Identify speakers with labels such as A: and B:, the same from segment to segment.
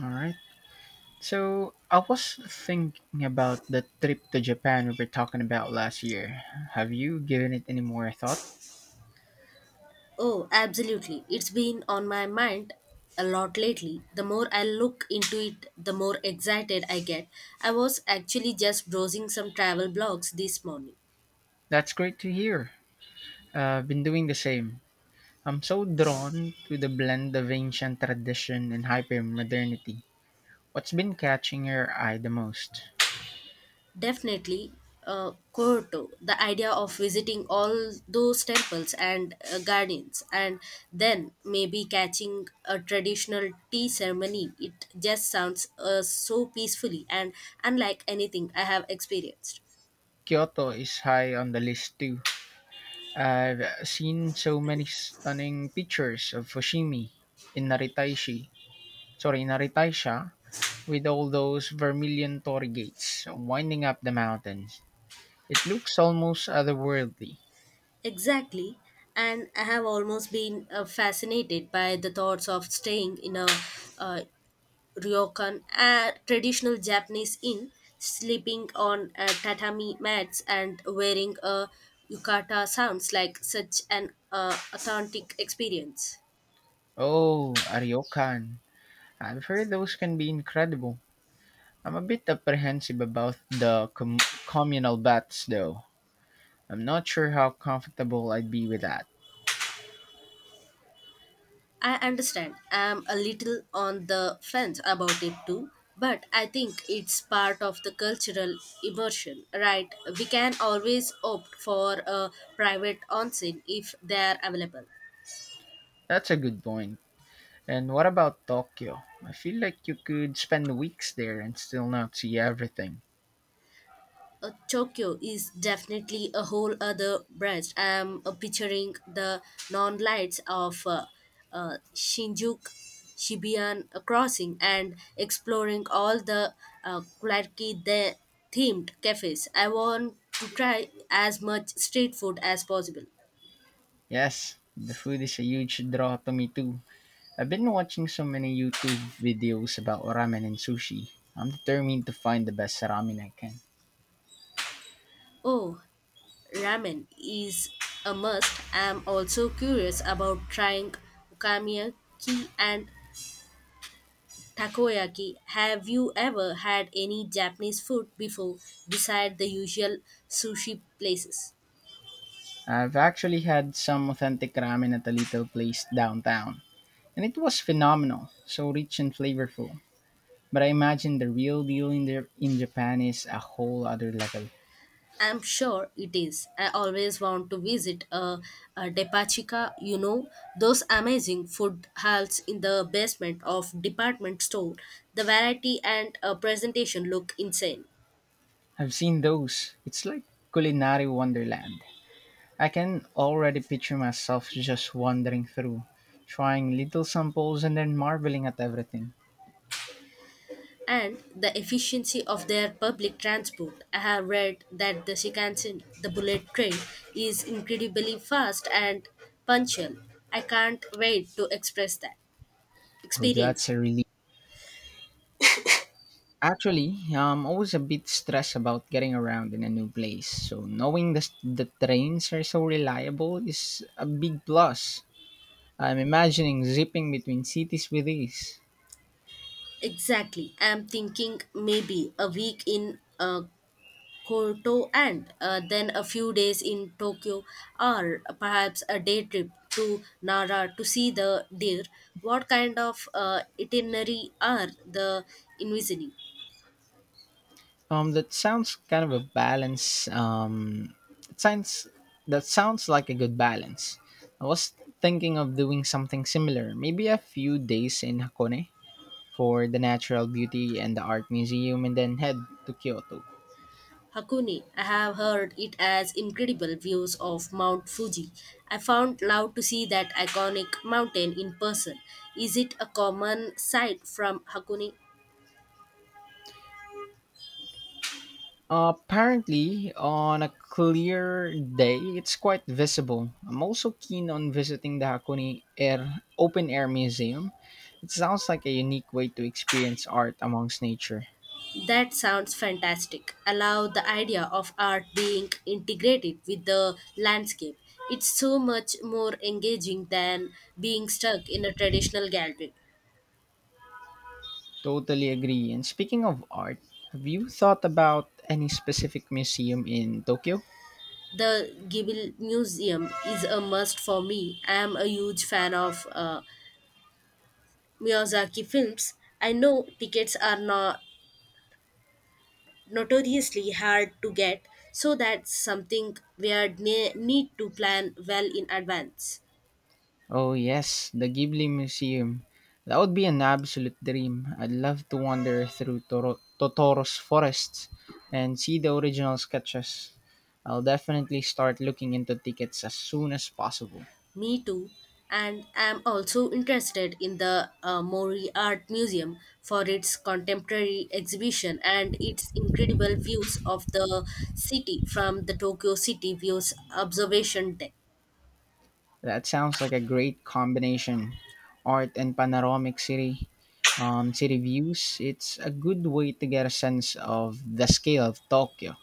A: All right. So I was thinking about the trip to Japan we were talking about last year. Have you given it any more thought?
B: Oh, absolutely. It's been on my mind a lot lately. The more I look into it, the more excited I get. I was actually just browsing some travel blogs this morning.
A: That's great to hear. I've been doing the same. I'm so drawn to the blend of ancient tradition and hypermodernity. What's been catching your eye the most?
B: Definitely, Kyoto, the idea of visiting all those temples and gardens, and then maybe catching a traditional tea ceremony. It just sounds so peacefully and unlike anything I have experienced.
A: Kyoto is high on the list too. I've seen so many stunning pictures of Fushimi in Naritaishi. Sorry, Naritaisha with all those vermilion torii gates winding up the mountains. It looks almost otherworldly.
B: Exactly. And I have almost been fascinated by the thoughts of staying in a uh, ryokan, a traditional Japanese inn, sleeping on tatami mats and wearing a yukata sounds like such an authentic experience.
A: Oh, Ariokan. I've heard those can be incredible. I'm a bit apprehensive about the communal baths, though. I'm not sure how comfortable I'd be with that.
B: I understand. I'm a little on the fence about it too, but I think it's part of the cultural immersion, right? We can always opt for a private onsen if they are available.
A: That's a good point. And what about Tokyo? I feel like you could spend weeks there and still not see everything.
B: Tokyo is definitely a whole other branch. I'm picturing the neon lights of Shinjuku, Shibuya crossing, and exploring all the quirky the themed cafes. I want to try as much street food as possible.
A: Yes, the food is a huge draw to me too. I've been watching so many YouTube videos about ramen and sushi. I'm determined to find the best ramen I can.
B: Oh, ramen is a must. I'm also curious about trying okonomiyaki and Takoyaki. Have you ever had any Japanese food before beside the usual sushi places?
A: I've actually had some authentic ramen at a little place downtown, and it was phenomenal, so rich and flavorful. But I imagine the real deal in there in Japan is a whole other level.
B: I'm sure it is. I always want to visit a Depachika, you know those amazing food halls in the basement of department store. The variety and presentation look insane.
A: I've seen those. It's like culinary wonderland. I can already picture myself just wandering through, trying little samples and then marveling at everything.
B: And the efficiency of their public transport. I have read that the Shinkansen, the bullet train, is incredibly fast and punctual. I can't wait to express that,
A: Oh,
B: experience
A: that's
B: that.
A: a relief. Actually, I'm always a bit stressed about getting around in a new place, so knowing the trains are so reliable is a big plus. I'm imagining zipping between cities with ease.
B: Exactly. I'm thinking maybe a week in Kyoto and then a few days in Tokyo, or perhaps a day trip to Nara to see the deer. What kind of itinerary are the envisioning?
A: That sounds kind of a balance. It sounds that sounds like a good balance. I was thinking of doing something similar, maybe a few days in Hakone for the natural beauty and the art museum, and then head to Kyoto.
B: Hakone. I have heard it has incredible views of Mount Fuji. I found love to see that iconic mountain in person. Is it a common sight from Hakone?
A: Apparently, on a clear day, it's quite visible. I'm also keen on visiting the Hakone Air Open Air Museum. It sounds like a unique way to experience art amongst nature.
B: That sounds fantastic. I love the idea of art being integrated with the landscape. It's so much more engaging than being stuck in a traditional gallery.
A: Totally agree. And speaking of art, have you thought about any specific museum in Tokyo?
B: The Gibble Museum is a must for me. I am a huge fan of Miyazaki films. I know tickets are not notoriously hard to get, so that's something we are need to plan well in advance.
A: Oh yes, the Ghibli Museum. That would be an absolute dream. I'd love to wander through Totoro's forests and see the original sketches. I'll definitely start looking into tickets as soon as possible.
B: Me too, and I'm also interested in the Mori Art Museum for its contemporary exhibition and its incredible views of the city from the Tokyo City Views observation deck.
A: That sounds like a great combination. Art and panoramic city city views. It's a good way to get a sense of the scale of Tokyo.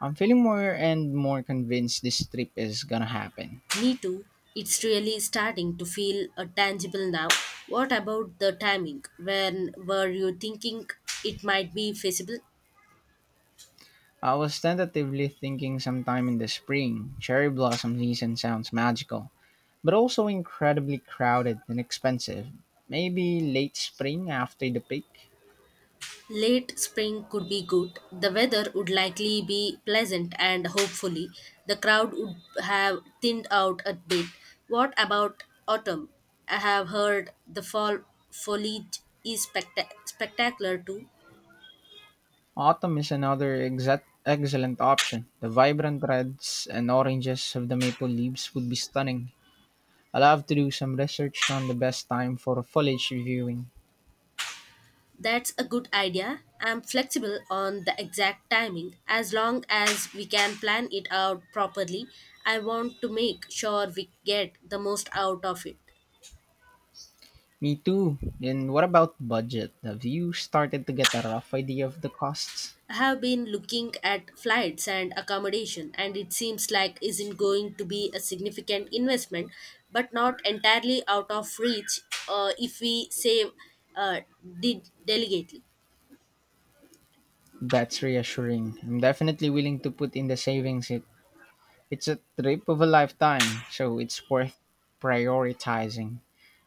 A: I'm feeling more and more convinced this trip is gonna happen.
B: Me too. It's really starting to feel tangible now. What about the timing? When were you thinking it might be feasible?
A: I was tentatively thinking sometime in the spring. Cherry blossom season sounds magical, but also incredibly crowded and expensive. Maybe late spring after the peak.
B: Late spring could be good. The weather would likely be pleasant and hopefully the crowd would have thinned out a bit. What about autumn? I have heard the fall foliage is spectacular too.
A: Autumn is another excellent option. The vibrant reds and oranges of the maple leaves would be stunning. I'll have to do some research on the best time for foliage viewing.
B: That's a good idea. I'm flexible on the exact timing. As long as we can plan it out properly, I want to make sure we get the most out of it.
A: Me too. And what about budget? Have you started to get a rough idea of the costs?
B: I have been looking at flights and accommodation, and it seems like isn't going to be a significant investment, but not entirely out of reach if we save uh, deliberately.
A: That's reassuring. I'm definitely willing to put in the savings. It's a trip of a lifetime, so it's worth prioritizing.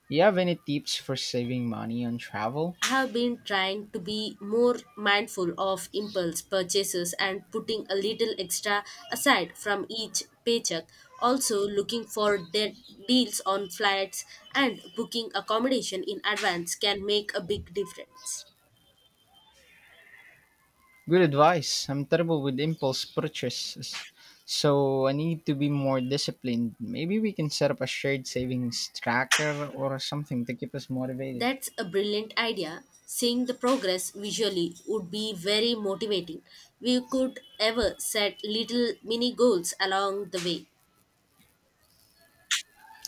A: You have any tips for saving money on travel?
B: I have been trying to be more mindful of impulse purchases and putting a little extra aside from each paycheck. Also, looking for deals on flights and booking accommodation in advance can make a big difference.
A: Good advice. I'm terrible with impulse purchases, so I need to be more disciplined. Maybe we can set up a shared savings tracker or something to keep us motivated.
B: That's a brilliant idea. Seeing the progress visually would be very motivating. We could ever set little mini goals along the way.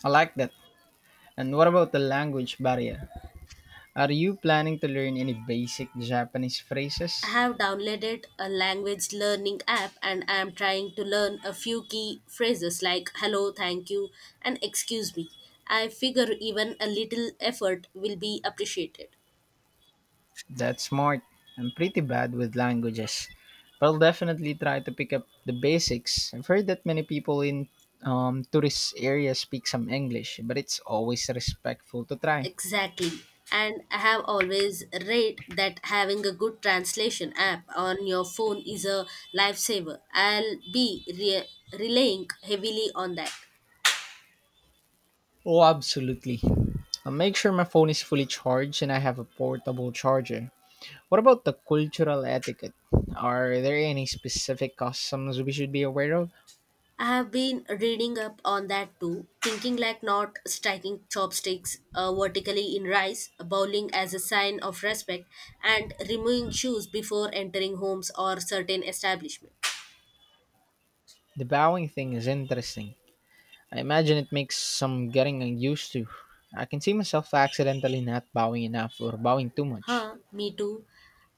A: I like that. And what about the language barrier? Are you planning to learn any basic Japanese
B: I
A: phrases?
B: have downloaded a language learning app and I am trying to learn a few key phrases like hello, thank you, and excuse me. I figure even a little effort will be appreciated.
A: That's smart. I'm pretty bad with languages, but I'll definitely try to pick up the basics. I've heard that many people in tourist areas speak some English, but it's always respectful to try.
B: Exactly. And I have always read that having a good translation app on your phone is a lifesaver. I'll be relying heavily on that.
A: Oh, absolutely. I'll make sure my phone is fully charged and I have a portable charger. What about the cultural etiquette? Are there any specific customs we should be aware of?
B: I have been reading up on that too, thinking like not striking chopsticks vertically in rice, bowling as a sign of respect, and removing shoes before entering homes or certain establishments.
A: The bowing thing is interesting. I imagine it makes some getting used to. I can see myself accidentally not bowing enough or bowing too much.
B: Huh, me too.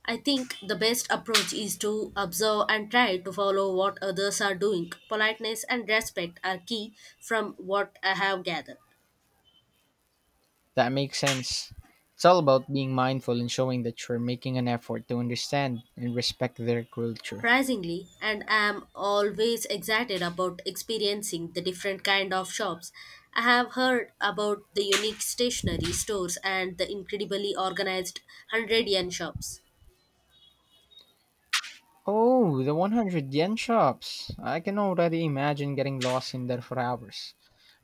B: I think the best approach is to observe and try to follow what others are doing. Politeness and respect are key from what I have gathered.
A: That makes sense. It's all about being mindful and showing that you're making an effort to understand and respect their culture.
B: Surprisingly, and I am always excited about experiencing the different kind of shops. I have heard about the unique stationery stores and the incredibly organized 100 yen shops.
A: Oh, the 100 yen shops. I can already imagine getting lost in there for hours,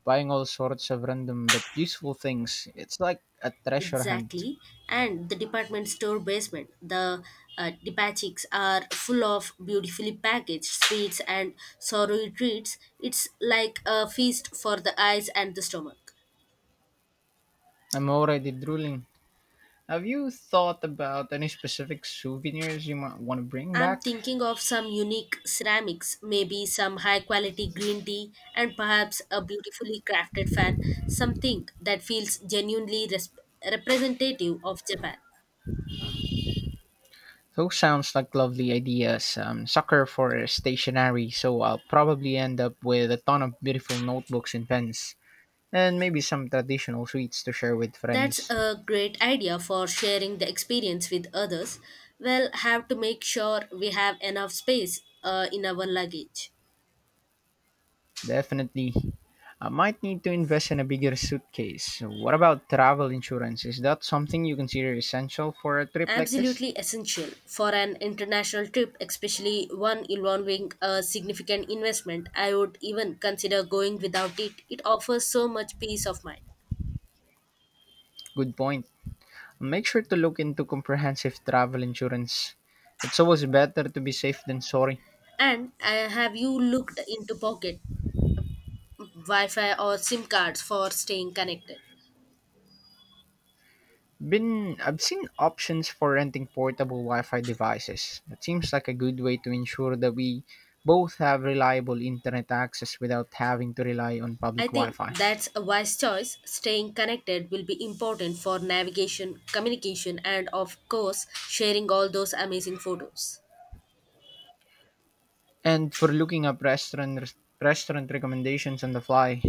A: buying all sorts of random but useful things. It's like a treasure hunt.
B: Exactly, and the department store basement, the depachicks are full of beautifully packaged sweets and savory treats. It's like a feast for the eyes and the stomach.
A: I'm already drooling. Have you thought about any specific souvenirs you might want to bring
B: I'm
A: back?
B: thinking of some unique ceramics, maybe some high quality green tea, and perhaps a beautifully crafted fan, something that feels genuinely representative of Japan.
A: Those sounds like lovely ideas. I'm sucker for stationery, so I'll probably end up with a ton of beautiful notebooks and pens, and maybe some traditional sweets to share with
B: That's
A: friends.
B: a great idea for sharing the experience with others. We'll have to make sure we have enough space in our luggage.
A: Definitely. I might need to invest in a bigger suitcase. What about travel insurance? Is that something you consider essential for a trip like this?
B: Absolutely essential for an international trip, especially one involving a significant investment. I would even consider going without it. It offers so much peace of mind.
A: Good point. Make sure to look into comprehensive travel insurance. It's always better to be safe than sorry.
B: And have you looked into pocket Wi Fi or SIM cards for staying connected?
A: Been I've seen options for renting portable Wi-Fi devices. That seems like a good way to ensure that we both have reliable internet access without having to rely on public
B: I think
A: Wi-Fi.
B: that's a wise choice. Staying connected will be important for navigation, communication, and of course, sharing all those amazing photos.
A: And for looking up restaurant recommendations on the fly,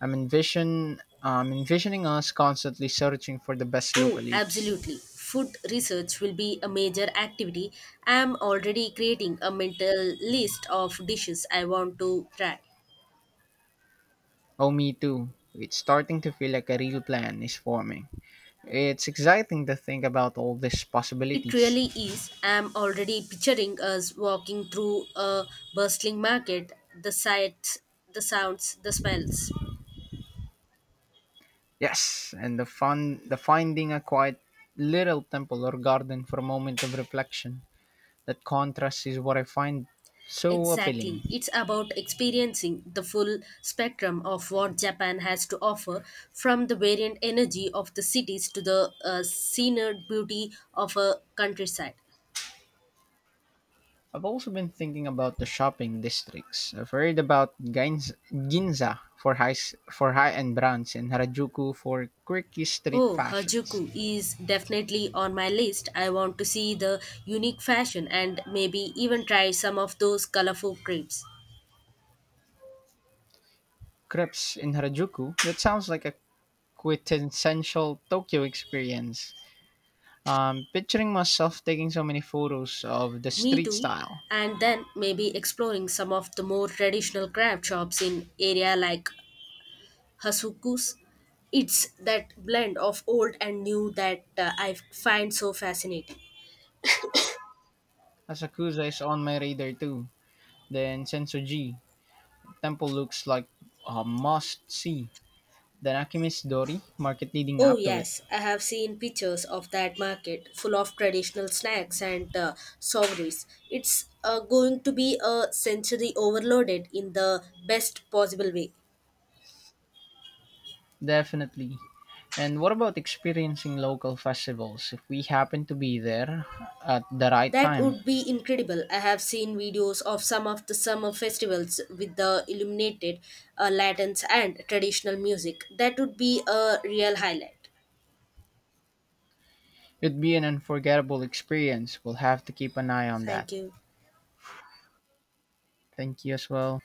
A: I'm envisioning us constantly searching for the best
B: Oh,
A: local eats.
B: absolutely. Food research will be a major activity. I am already creating a mental list of dishes I want to try.
A: Oh, me too. It's starting to feel like a real plan is forming. It's exciting to think about all these
B: It
A: possibilities.
B: really is. I am already picturing us walking through a bustling market, the sights, the sounds, the smells.
A: Yes, and the finding a quiet little temple or garden for a moment of reflection. That contrast is what I find so appealing.
B: Exactly. It's about experiencing the full spectrum of what Japan has to offer, from the variant energy of the cities to the scenic beauty of a countryside.
A: I've also been thinking about the shopping districts. I've heard about Ginza for high-end brands and Harajuku for quirky street
B: Oh,
A: fashions.
B: Harajuku is definitely on my list. I want to see the unique fashion and maybe even try some of those colorful crepes.
A: Crepes in Harajuku, that sounds like a quintessential Tokyo experience. Picturing myself taking so many photos of the
B: Me
A: street
B: too.
A: style.
B: And then maybe exploring some of the more traditional craft shops in area like Hasuku's. It's that blend of old and new that I find so fascinating.
A: Asakusa is on my radar too. Then Sensoji Temple looks like a must see. Then Alchemist Dori market leading
B: Oh,
A: up to it.
B: yes, I have seen pictures of that market full of traditional snacks and souvenirs. It's going to be a sensory overloaded in the best possible way.
A: Definitely. And what about experiencing local festivals? If we happen to be there at the right
B: That
A: time,
B: would be incredible. I have seen videos of some of the summer festivals with the illuminated lanterns and traditional music. That would be a real highlight.
A: it'd be an unforgettable experience. We'll have to keep an eye on that.
B: Thank you.
A: Thank you as well.